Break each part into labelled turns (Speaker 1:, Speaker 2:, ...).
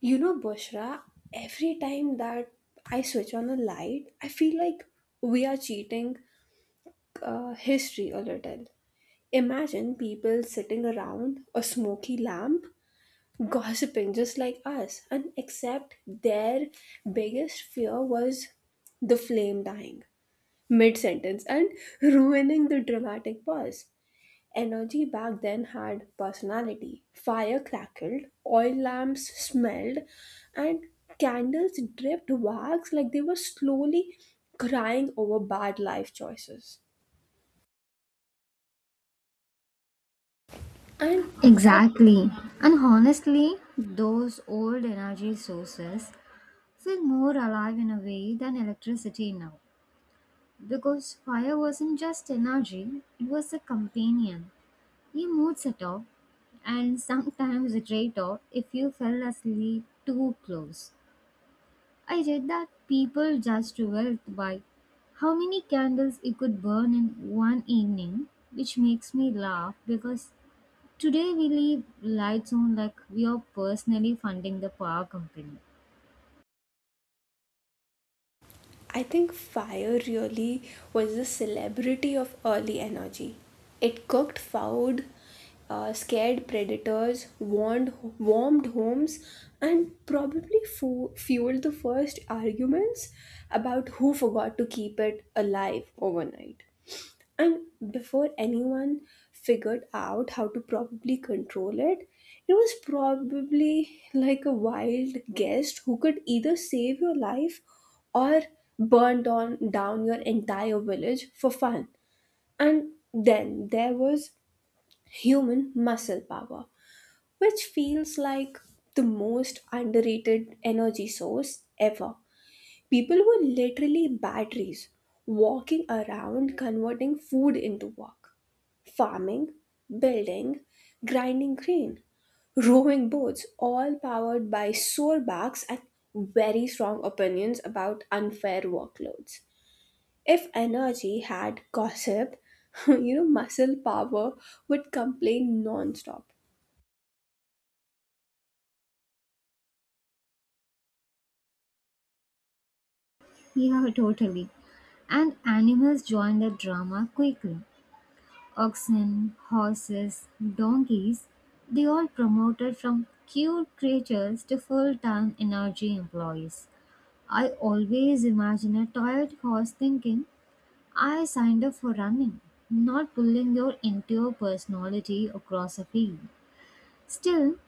Speaker 1: You know, Bushra, every time that I switch on a light, I feel like we are cheating history a little. Imagine people sitting around a smoky lamp, gossiping just like us, and except their biggest fear was the flame dying mid sentence and ruining the dramatic pause. Energy back then had personality. Fire crackled, oil lamps smelled, and candles dripped wax like they were slowly crying over bad life choices. And that
Speaker 2: Exactly. And honestly, those old energy sources feel more alive in a way than electricity now. Because fire wasn't just energy, it was a companion. You mood setter, and sometimes a traitor if you fell asleep too close. I read that people judged wealth by how many candles you could burn in one evening, which makes me laugh because today we leave lights on like we are personally funding the power company.
Speaker 1: I think fire really was the celebrity of early energy. It cooked food, scared predators, warmed homes, and probably fueled the first arguments about who forgot to keep it alive overnight. And before anyone figured out how to probably control it, it was probably like a wild guest who could either save your life or burn down your entire village for fun. And then there was human muscle power, which feels like the most underrated energy source ever. People were literally batteries, walking around converting food into work. Farming, building, grinding grain, rowing boats, all powered by sore backs and very strong opinions about unfair workloads. If energy had gossip, muscle power would complain non stop.
Speaker 2: Yeah, totally. And animals join the drama quickly. Oxen, horses, donkeys, they all promoted from cute creatures to full time energy employees. I always imagine a tired horse thinking, I signed up for running, not pulling your entire personality across a field. Still,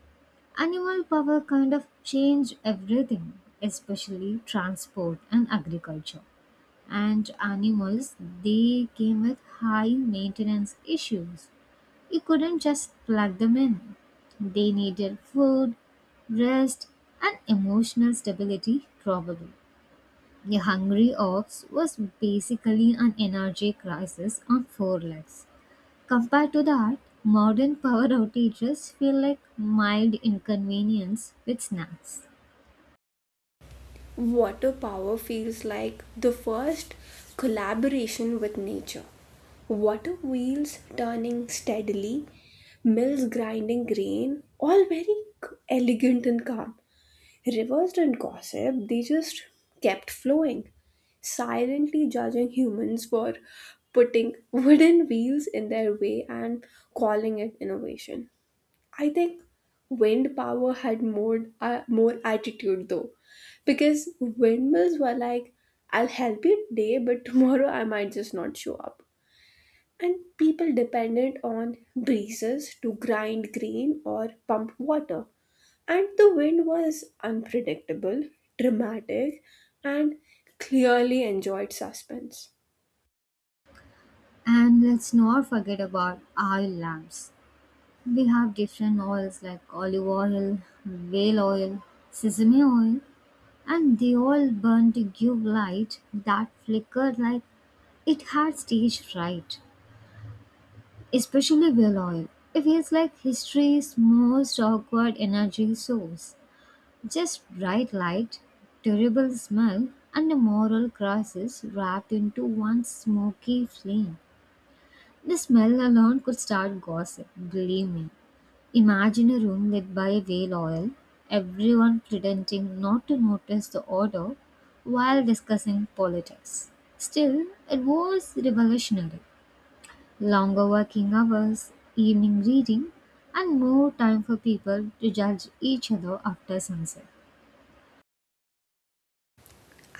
Speaker 2: animal power kind of changed everything, especially transport and agriculture. And animals, they came with high maintenance issues. You couldn't just plug them in. They needed food, rest, and emotional stability, probably. A hungry ox was basically an energy crisis on four legs. Compared to that, modern power outages feel like mild inconvenience with snacks.
Speaker 1: Water power feels like the first collaboration with nature. Water wheels turning steadily, mills grinding grain, all very elegant and calm. Rivers didn't gossip, they just kept flowing, silently judging humans for putting wooden wheels in their way and calling it innovation. I think wind power had more attitude though, because windmills were like, "I'll help you today, but tomorrow I might just not show up." And people depended on breezes to grind grain or pump water. And the wind was unpredictable, dramatic, and clearly enjoyed suspense.
Speaker 2: And let's not forget about oil lamps. We have different oils like olive oil, whale oil, sesame oil, and they all burn to give light that flicker like it had stage fright. Especially whale oil. It feels like history's most awkward energy source. Just bright light, terrible smell, and a moral crisis wrapped into one smoky flame. The smell alone could start gossip, believe me. Imagine a room lit by a whale oil, everyone pretending not to notice the odor while discussing politics. Still, it was revolutionary. Longer working hours, evening reading, and more time for people to judge each other after sunset.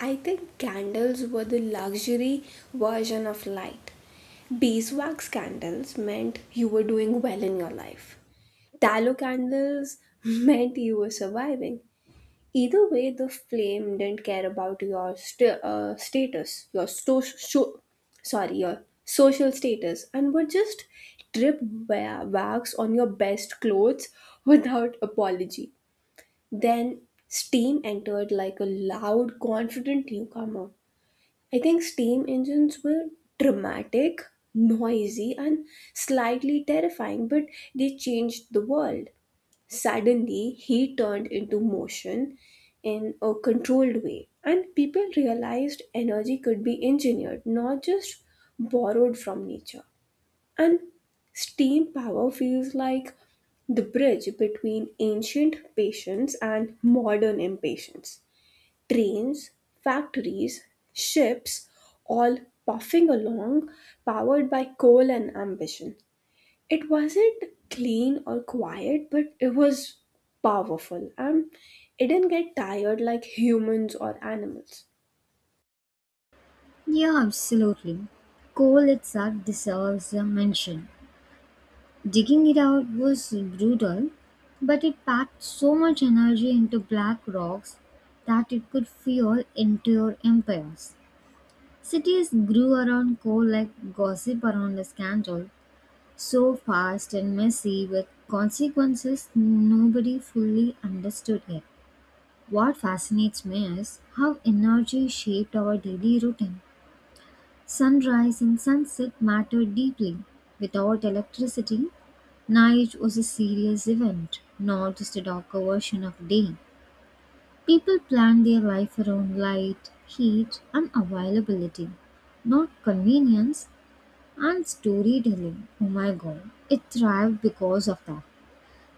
Speaker 1: I think candles were the luxury version of light. Beeswax candles meant you were doing well in your life. Tallow candles meant you were surviving. Either way, the flame didn't care about your status, your your social status, and would just drip wax on your best clothes without apology. Then steam entered like a loud, confident newcomer. I think steam engines were dramatic, noisy, and slightly terrifying, but they changed the world. Suddenly, heat turned into motion in a controlled way, and people realized energy could be engineered, not just borrowed from nature. And steam power feels like the bridge between ancient patience and modern impatience. Trains, factories, ships, all puffing along, powered by coal and ambition. It wasn't clean or quiet, but it was powerful and it didn't get tired like humans or animals.
Speaker 2: Yeah, absolutely. Coal itself deserves a mention. Digging it out was brutal, but it packed so much energy into black rocks that it could fuel entire empires. Cities grew around coal like gossip around a scandal, so fast and messy with consequences nobody fully understood yet. What fascinates me is how energy shaped our daily routine. Sunrise and sunset mattered deeply. Without electricity, night was a serious event, not just a darker version of day. People planned their life around light, heat, and availability, not convenience and storytelling. Oh my god, it thrived because of that.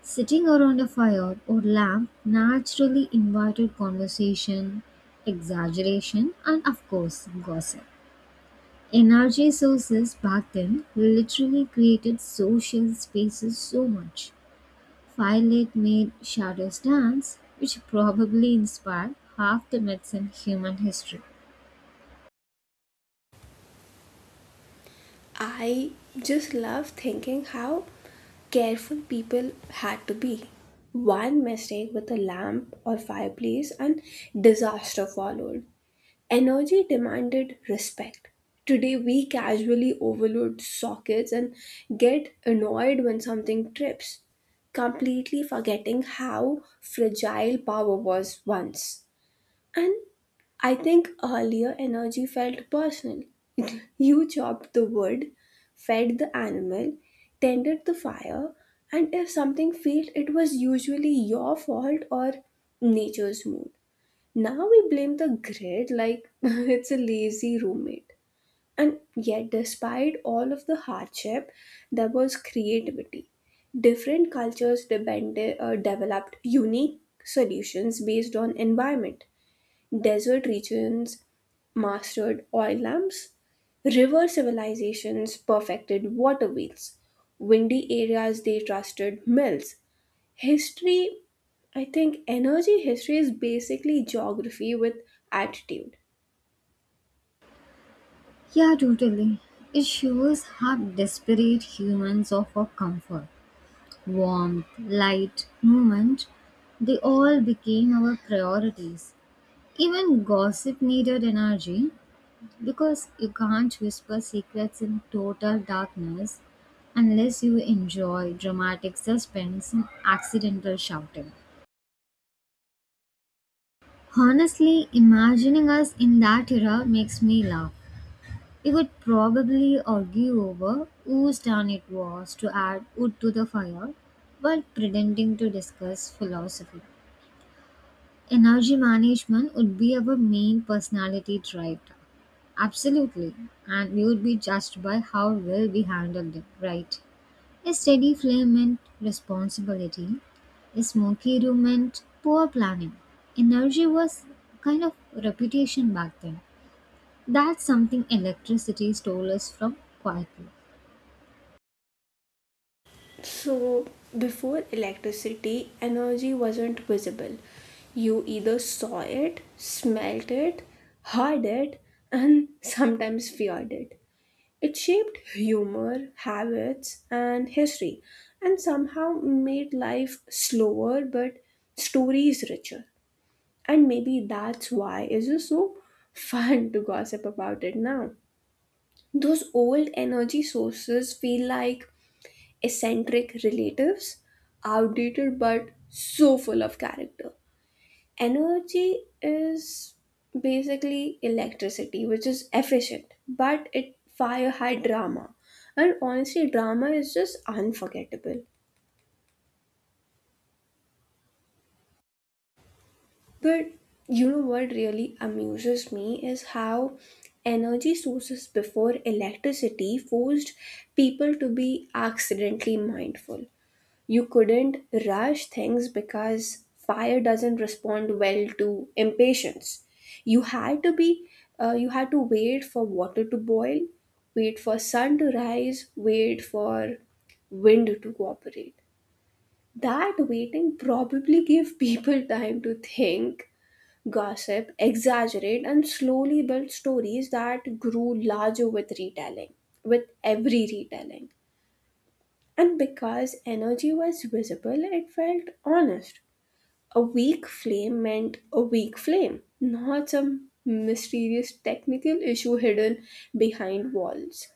Speaker 2: Sitting around a fire or lamp naturally invited conversation, exaggeration, and of course, gossip. Energy sources back then literally created social spaces so much. Firelight made shadows dance, which probably inspired half the myths in human history.
Speaker 1: I just love thinking how careful people had to be. One mistake with a lamp or fireplace and disaster followed. Energy demanded respect. Today, we casually overload sockets and get annoyed when something trips, completely forgetting how fragile power was once. And I think earlier energy felt personal. You chopped the wood, fed the animal, tended the fire, and if something failed, it was usually your fault or nature's mood. Now we blame the grid like it's a lazy roommate. And yet, despite all of the hardship, there was creativity. Different cultures developed unique solutions based on environment. Desert regions mastered oil lamps, river civilizations perfected water wheels, windy areas they trusted mills. History, I think energy history is basically geography with attitude.
Speaker 2: Yeah, totally. It shows how desperate humans are for comfort, warmth, light, movement. They all became our priorities. Even gossip needed energy, because you can't whisper secrets in total darkness unless you enjoy dramatic suspense and accidental shouting. Honestly, imagining us in that era makes me laugh. We would probably argue over whose turn it was to add wood to the fire while pretending to discuss philosophy. Energy management would be our main personality trait. Absolutely. And we would be judged by how well we handled it, right? A steady flame meant responsibility. A smoky room meant poor planning. Energy was kind of reputation back then. That's something electricity stole us from quietly.
Speaker 1: So, before electricity, energy wasn't visible. You either saw it, smelt it, heard it, and sometimes feared it. It shaped humor, habits, and history, and somehow made life slower but stories richer. And maybe that's why it's just so fun to gossip about it now. Those old energy sources feel like eccentric relatives, outdated but so full of character. Energy is basically electricity, which is efficient, but it fire high drama, and honestly drama is just unforgettable. But you know what really amuses me is how energy sources before electricity forced people to be accidentally mindful. You couldn't rush things because fire doesn't respond well to impatience. You had to wait for water to boil, wait for sun to rise, wait for wind to cooperate. That waiting probably gave people time to think, gossip, exaggerate, and slowly build stories that grew larger with every retelling. And because energy was visible, it felt honest. A weak flame meant a weak flame, not some mysterious technical issue hidden behind walls.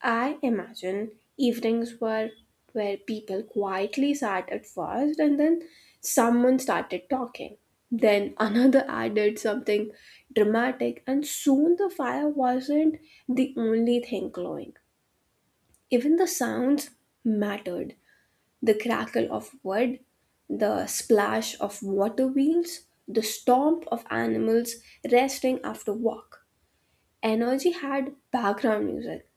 Speaker 1: I imagine evenings were where people quietly sat at first and then someone started talking. Then another added something dramatic, and soon the fire wasn't the only thing glowing. Even the sounds mattered: the crackle of wood, the splash of water wheels, the stomp of animals resting after walk. Energy had background music.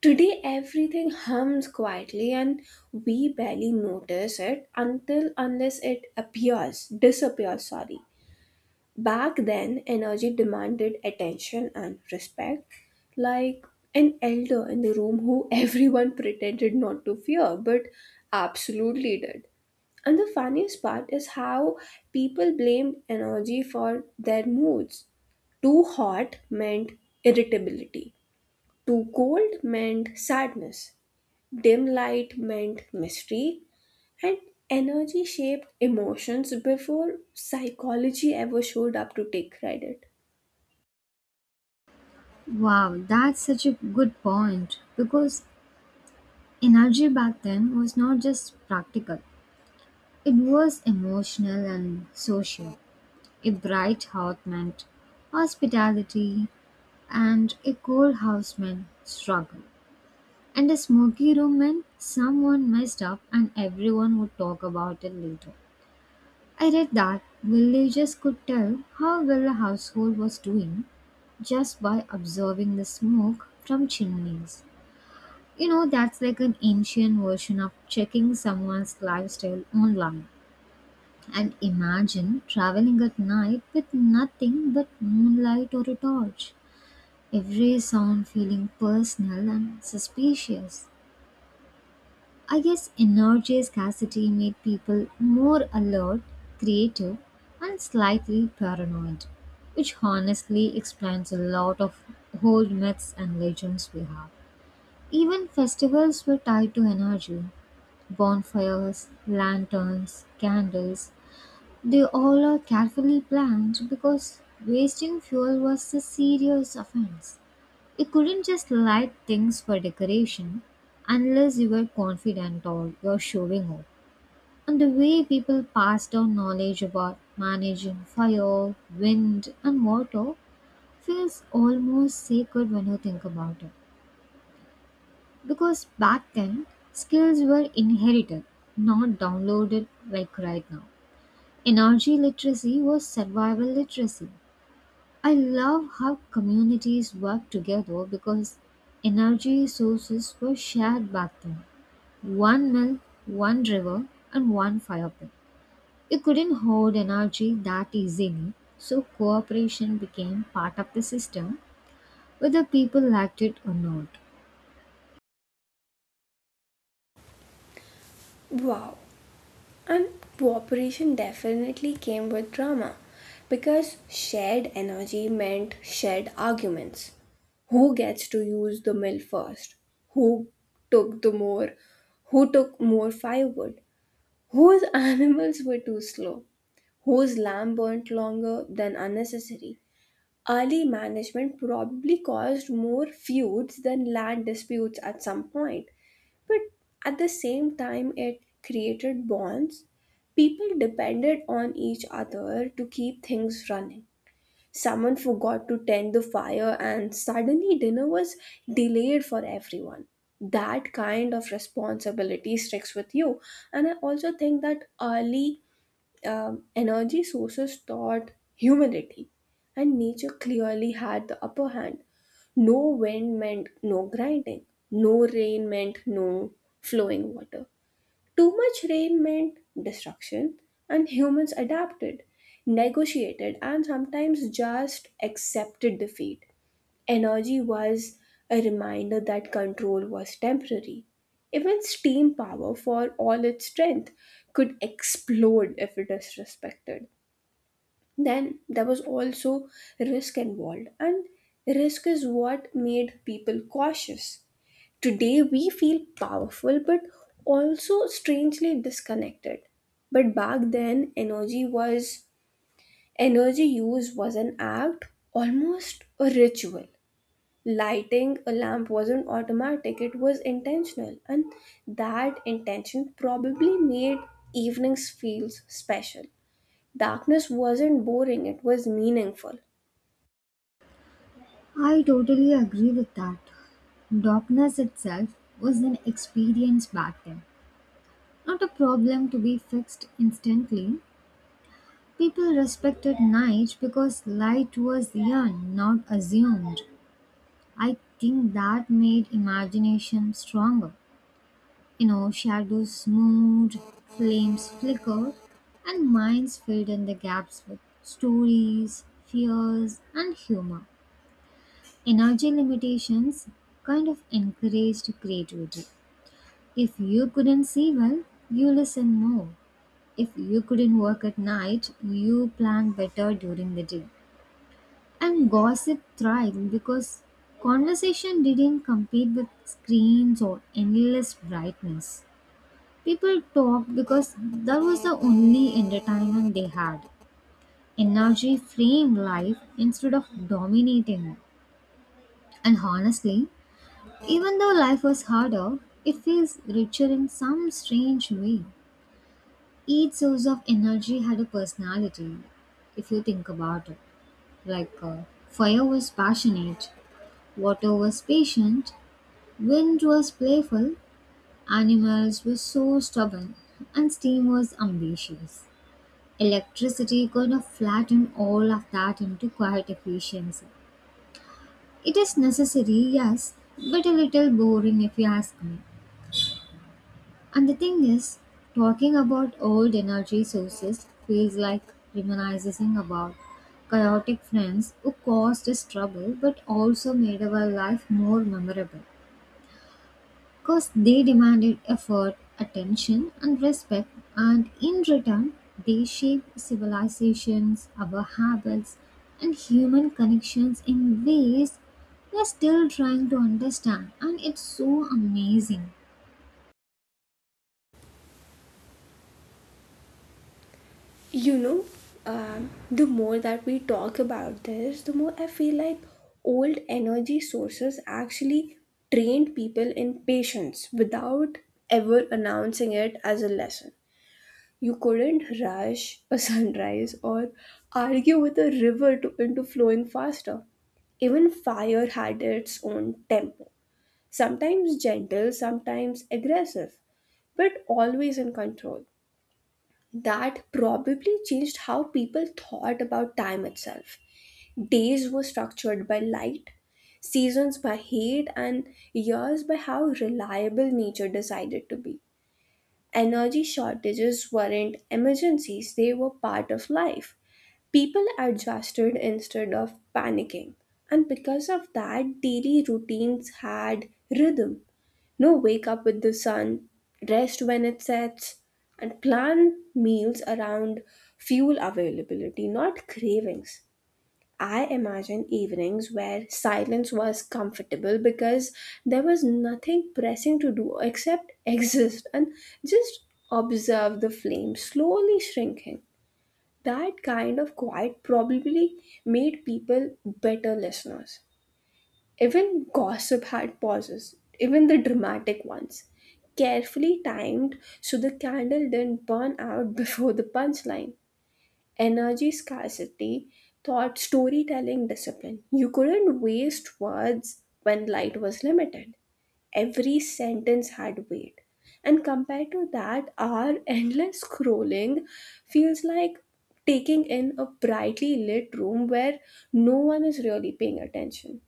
Speaker 1: Today, everything hums quietly, and we barely notice it until unless it appears, disappears. Sorry. Back then, energy demanded attention and respect, like an elder in the room who everyone pretended not to fear but absolutely did. And the funniest part is how people blamed energy for their moods. Too hot meant irritability, too cold meant sadness, dim light meant mystery, and energy shaped emotions before psychology ever showed up to take credit.
Speaker 2: Wow, that's such a good point because energy back then was not just practical, it was emotional and social. A bright heart meant hospitality, and a coal house man struggle. And a smoky room man, someone messed up and everyone would talk about it later. I read that villagers could tell how well a household was doing just by observing the smoke from chimneys. You know, that's like an ancient version of checking someone's lifestyle online. And imagine traveling at night with nothing but moonlight or a torch. Every sound feeling personal and suspicious. I guess energy scarcity made people more alert, creative, and slightly paranoid, which honestly explains a lot of old myths and legends we have. Even festivals were tied to energy. Bonfires, lanterns, candles, they all are carefully planned because wasting fuel was a serious offense. You couldn't just light things for decoration unless you were confident or you're showing off. And the way people pass down knowledge about managing fire, wind, and water feels almost sacred when you think about it. Because back then, skills were inherited, not downloaded like right now. Energy literacy was survival literacy. I love how communities worked together because energy sources were shared back then. One mill, one river, and one fire pit. You couldn't hoard energy that easily, so cooperation became part of the system, whether people liked it or not.
Speaker 1: Wow. And cooperation definitely came with drama because shared energy meant shared arguments. Who gets to use the mill first? Who took the more? Who took more firewood? Whose animals were too slow? Whose lamb burnt longer than unnecessary? Early management probably caused more feuds than land disputes at some point, but at the same time, it created bonds. People depended on each other to keep things running. Someone forgot to tend the fire, and suddenly dinner was delayed for everyone. That kind of responsibility sticks with you, and I also think that early energy sources taught humility, and nature clearly had the upper hand. No wind meant no grinding, no rain meant no flowing water. Too much rain meant destruction, and humans adapted, negotiated, and sometimes just accepted defeat. Energy was a reminder that control was temporary. Even steam power, for all its strength, could explode if it is respected. Then there was also risk involved, and risk is what made people cautious. Today we feel powerful but also strangely disconnected. But back then energy use was an act, almost a ritual. Lighting a lamp wasn't automatic, it was intentional, and that intention probably made evenings feel special. Darkness wasn't boring, it was meaningful.
Speaker 2: I totally agree with that. Darkness itself was an experience back then, not a problem to be fixed instantly. People respected night because light was young, not assumed. I think that made imagination stronger. You know, shadows moved, flames flickered, and minds filled in the gaps with stories, fears, and humor. Energy limitations kind of encouraged creativity. If you couldn't see well, you listen more. If you couldn't work at night, you plan better during the day. And gossip thrived because conversation didn't compete with screens or endless brightness. People talked because that was the only entertainment they had. Energy framed life instead of dominating it. And honestly, even though life was harder, it feels richer in some strange way. Each source of energy had a personality, if you think about it. Like fire was passionate, water was patient, wind was playful, animals were so stubborn, and steam was ambitious. Electricity could have flattened all of that into quiet efficiency. It is necessary, yes, but a little boring if you ask me. And the thing is, talking about old energy sources feels like reminiscing about chaotic friends who caused us trouble but also made our life more memorable. Because they demanded effort, attention, and respect, and in return, they shaped civilizations, our habits, and human connections in ways we're still trying to understand, and it's so amazing.
Speaker 1: You know, the more that we talk about this, the more I feel like old energy sources actually trained people in patience without ever announcing it as a lesson. You couldn't rush a sunrise or argue with a river into flowing faster. Even fire had its own tempo, sometimes gentle, sometimes aggressive, but always in control. That probably changed how people thought about time itself. Days were structured by light, seasons by heat, and years by how reliable nature decided to be. Energy shortages weren't emergencies, they were part of life. People adjusted instead of panicking, and because of that, daily routines had rhythm. No, wake up with the sun, rest when it sets, and plan meals around fuel availability, not cravings. I imagine evenings where silence was comfortable because there was nothing pressing to do except exist and just observe the flame slowly shrinking. That kind of quiet probably made people better listeners. Even gossip had pauses, even the dramatic ones, carefully timed so the candle didn't burn out before the punchline. Energy scarcity taught storytelling discipline. You couldn't waste words when light was limited. Every sentence had weight. And compared to that, our endless scrolling feels like taking in a brightly lit room where no one is really paying attention.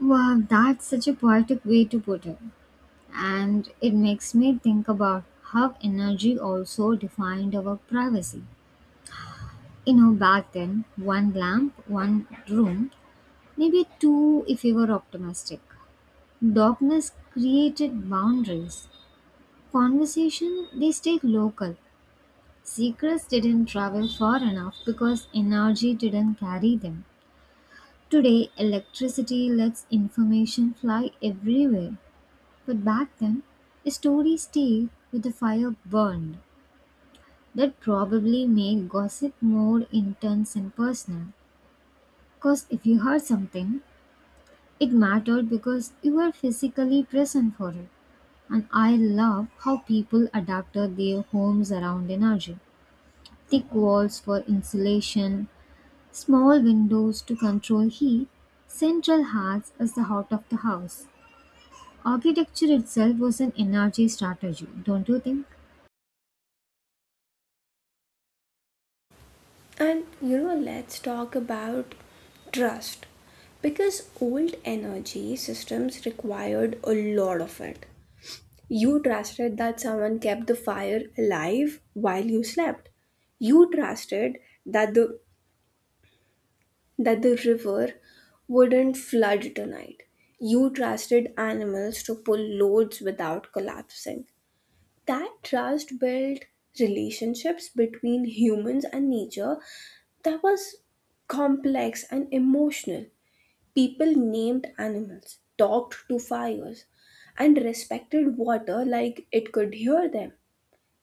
Speaker 2: Wow, that's such a poetic way to put it. And it makes me think about how energy also defined our privacy. You know, back then, one lamp, one room, maybe two if you were optimistic. Darkness created boundaries. Conversation, they stayed local. Secrets didn't travel far enough because energy didn't carry them. Today, electricity lets information fly everywhere. But back then, a story stayed with the fire burned. That probably made gossip more intense and personal. Because if you heard something, it mattered because you were physically present for it. And I love how people adapted their homes around energy. Thick walls for insulation, small windows to control heat, central hearths as the heart of the house. Architecture itself was an energy strategy, don't you think?
Speaker 1: And you know, let's talk about trust because old energy systems required a lot of it. You trusted that someone kept the fire alive while you slept. You trusted that the that the river wouldn't flood tonight. You trusted animals to pull loads without collapsing. That trust built relationships between humans and nature that was complex and emotional. People named animals, talked to fires, and respected water like it could hear them.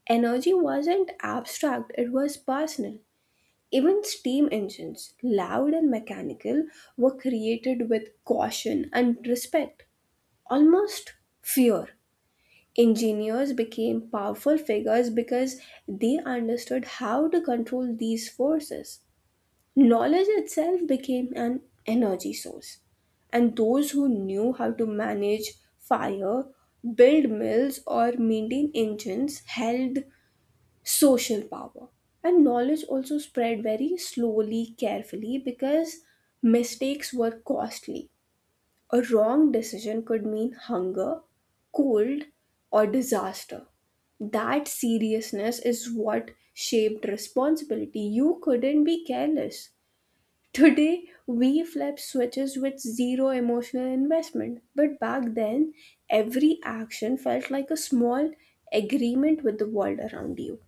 Speaker 1: Energy wasn't abstract, it was personal. Even steam engines, loud and mechanical, were created with caution and respect, almost fear. Engineers became powerful figures because they understood how to control these forces. Knowledge itself became an energy source, and those who knew how to manage fire, build mills, or maintain engines held social power. And knowledge also spread very slowly, carefully, because mistakes were costly. A wrong decision could mean hunger, cold, or disaster. That seriousness is what shaped responsibility. You couldn't be careless. Today, we flip switches with zero emotional investment, but back then, every action felt like a small agreement with the world around you.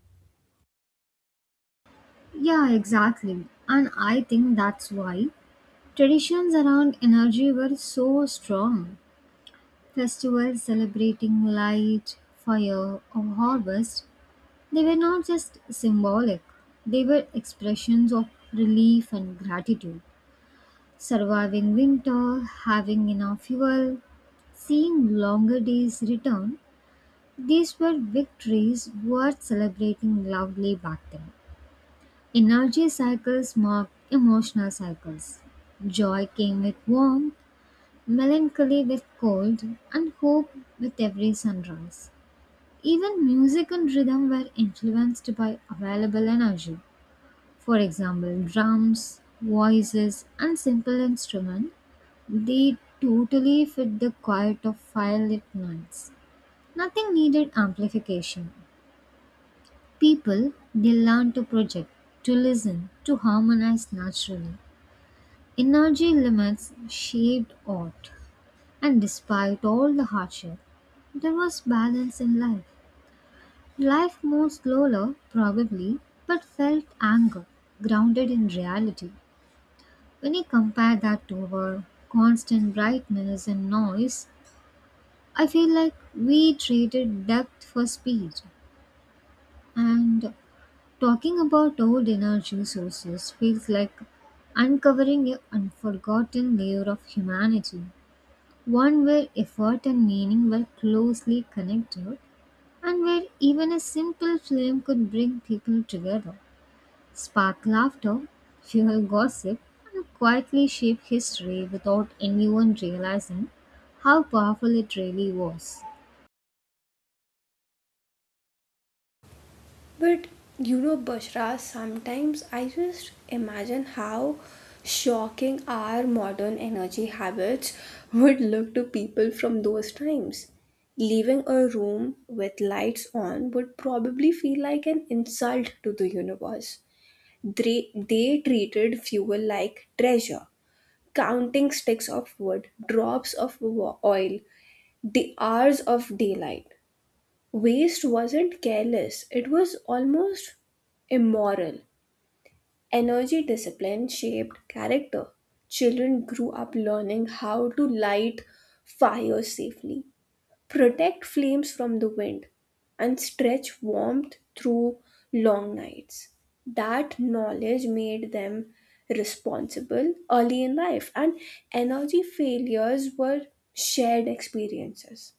Speaker 2: Yeah, exactly. And I think that's why traditions around energy were so strong. Festivals celebrating light, fire, or harvest, they were not just symbolic, they were expressions of relief and gratitude. Surviving winter, having enough fuel, seeing longer days return, these were victories worth celebrating loudly back then. Energy cycles marked emotional cycles. Joy came with warmth, melancholy with cold, and hope with every sunrise. Even music and rhythm were influenced by available energy. For example, drums, voices, and simple instruments, they totally fit the quiet of firelit nights. Nothing needed amplification. People, they learn to project, to listen, to harmonize naturally. Energy limits shaped art, and despite all the hardship, there was balance in life. Life moved slower, probably, but felt anchor, grounded in reality. When I compare that to our constant brightness and noise, I feel like we traded depth for speed. And talking about old energy sources feels like uncovering a unforgotten layer of humanity, one where effort and meaning were closely connected, and where even a simple flame could bring people together. Spark laughter, fuel gossip, and quietly shape history without anyone realizing how powerful it really was.
Speaker 1: But you know, Bushra, sometimes I just imagine how shocking our modern energy habits would look to people from those times. Leaving a room with lights on would probably feel like an insult to the universe. They treated fuel like treasure, counting sticks of wood, drops of oil, the hours of daylight. Waste wasn't careless, it was almost immoral. Energy discipline shaped character. Children grew up learning how to light fires safely, protect flames from the wind, and stretch warmth through long nights. That knowledge made them responsible early in life, and energy failures were shared experiences.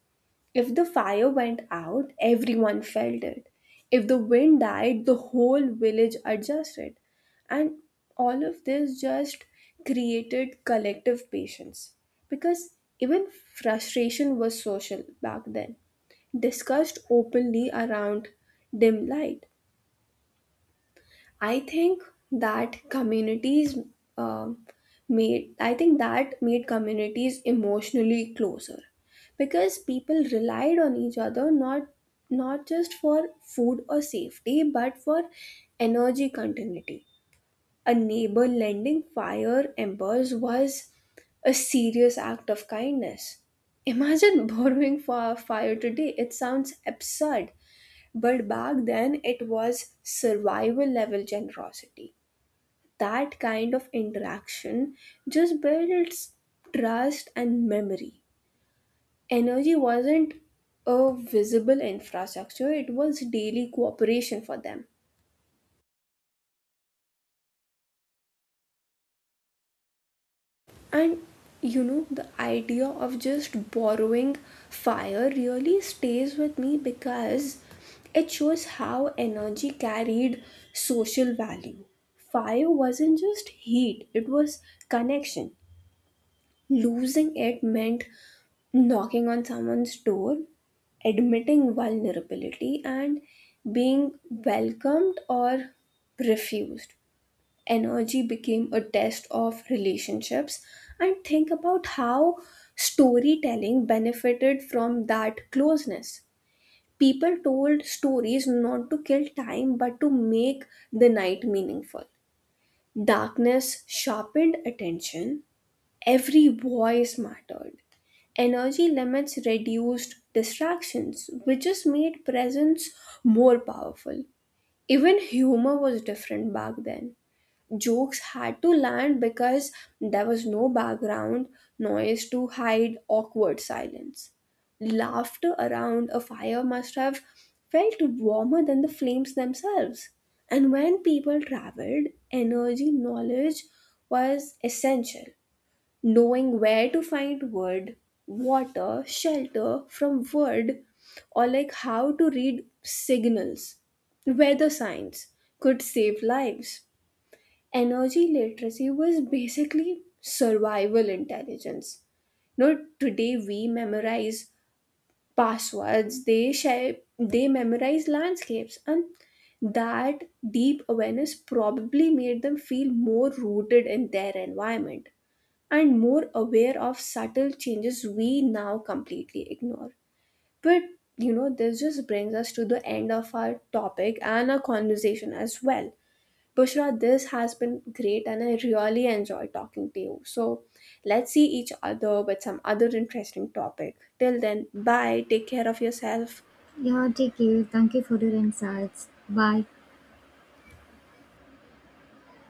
Speaker 1: If the fire went out, everyone felt it. If the wind died, the whole village adjusted. And all of this just created collective patience. Because even frustration was social back then, discussed openly around dim light. I think that communities um I think that made communities emotionally closer because people relied on each other not just for food or safety but for energy continuity. A neighbor lending fire embers was a serious act of kindness. Imagine borrowing for a fire today. It sounds absurd. But back then, it was survival level generosity. That kind of interaction just builds trust and memory. Energy wasn't a visible infrastructure, it was daily cooperation for them. And you know, the idea of just borrowing fire really stays with me because it shows how energy carried social value. Fire wasn't just heat, it was connection. Losing it meant knocking on someone's door, admitting vulnerability, and being welcomed or refused. Energy became a test of relationships. And think about how storytelling benefited from that closeness. People told stories not to kill time but to make the night meaningful. Darkness sharpened attention, every voice mattered. Energy limits reduced distractions, which just made presence more powerful. Even humor was different back then. Jokes had to land because there was no background noise to hide awkward silence. Laughter around a fire must have felt warmer than the flames themselves. And when people traveled, energy knowledge was essential. Knowing where to find wood, water, shelter from wood, or like how to read signals, weather signs could save lives. Energy literacy was basically survival intelligence. No, today we memorize passwords, they shape, they memorize landscapes, and that deep awareness probably made them feel more rooted in their environment and more aware of subtle changes we now completely ignore. But you know, this just brings us to the end of our topic and our conversation as well. Bushra, this has been great and I really enjoy talking to you. So let's see each other with some other interesting topic. Till then, bye. Take care of yourself.
Speaker 2: Yeah, take care. Thank you for your insights. Bye.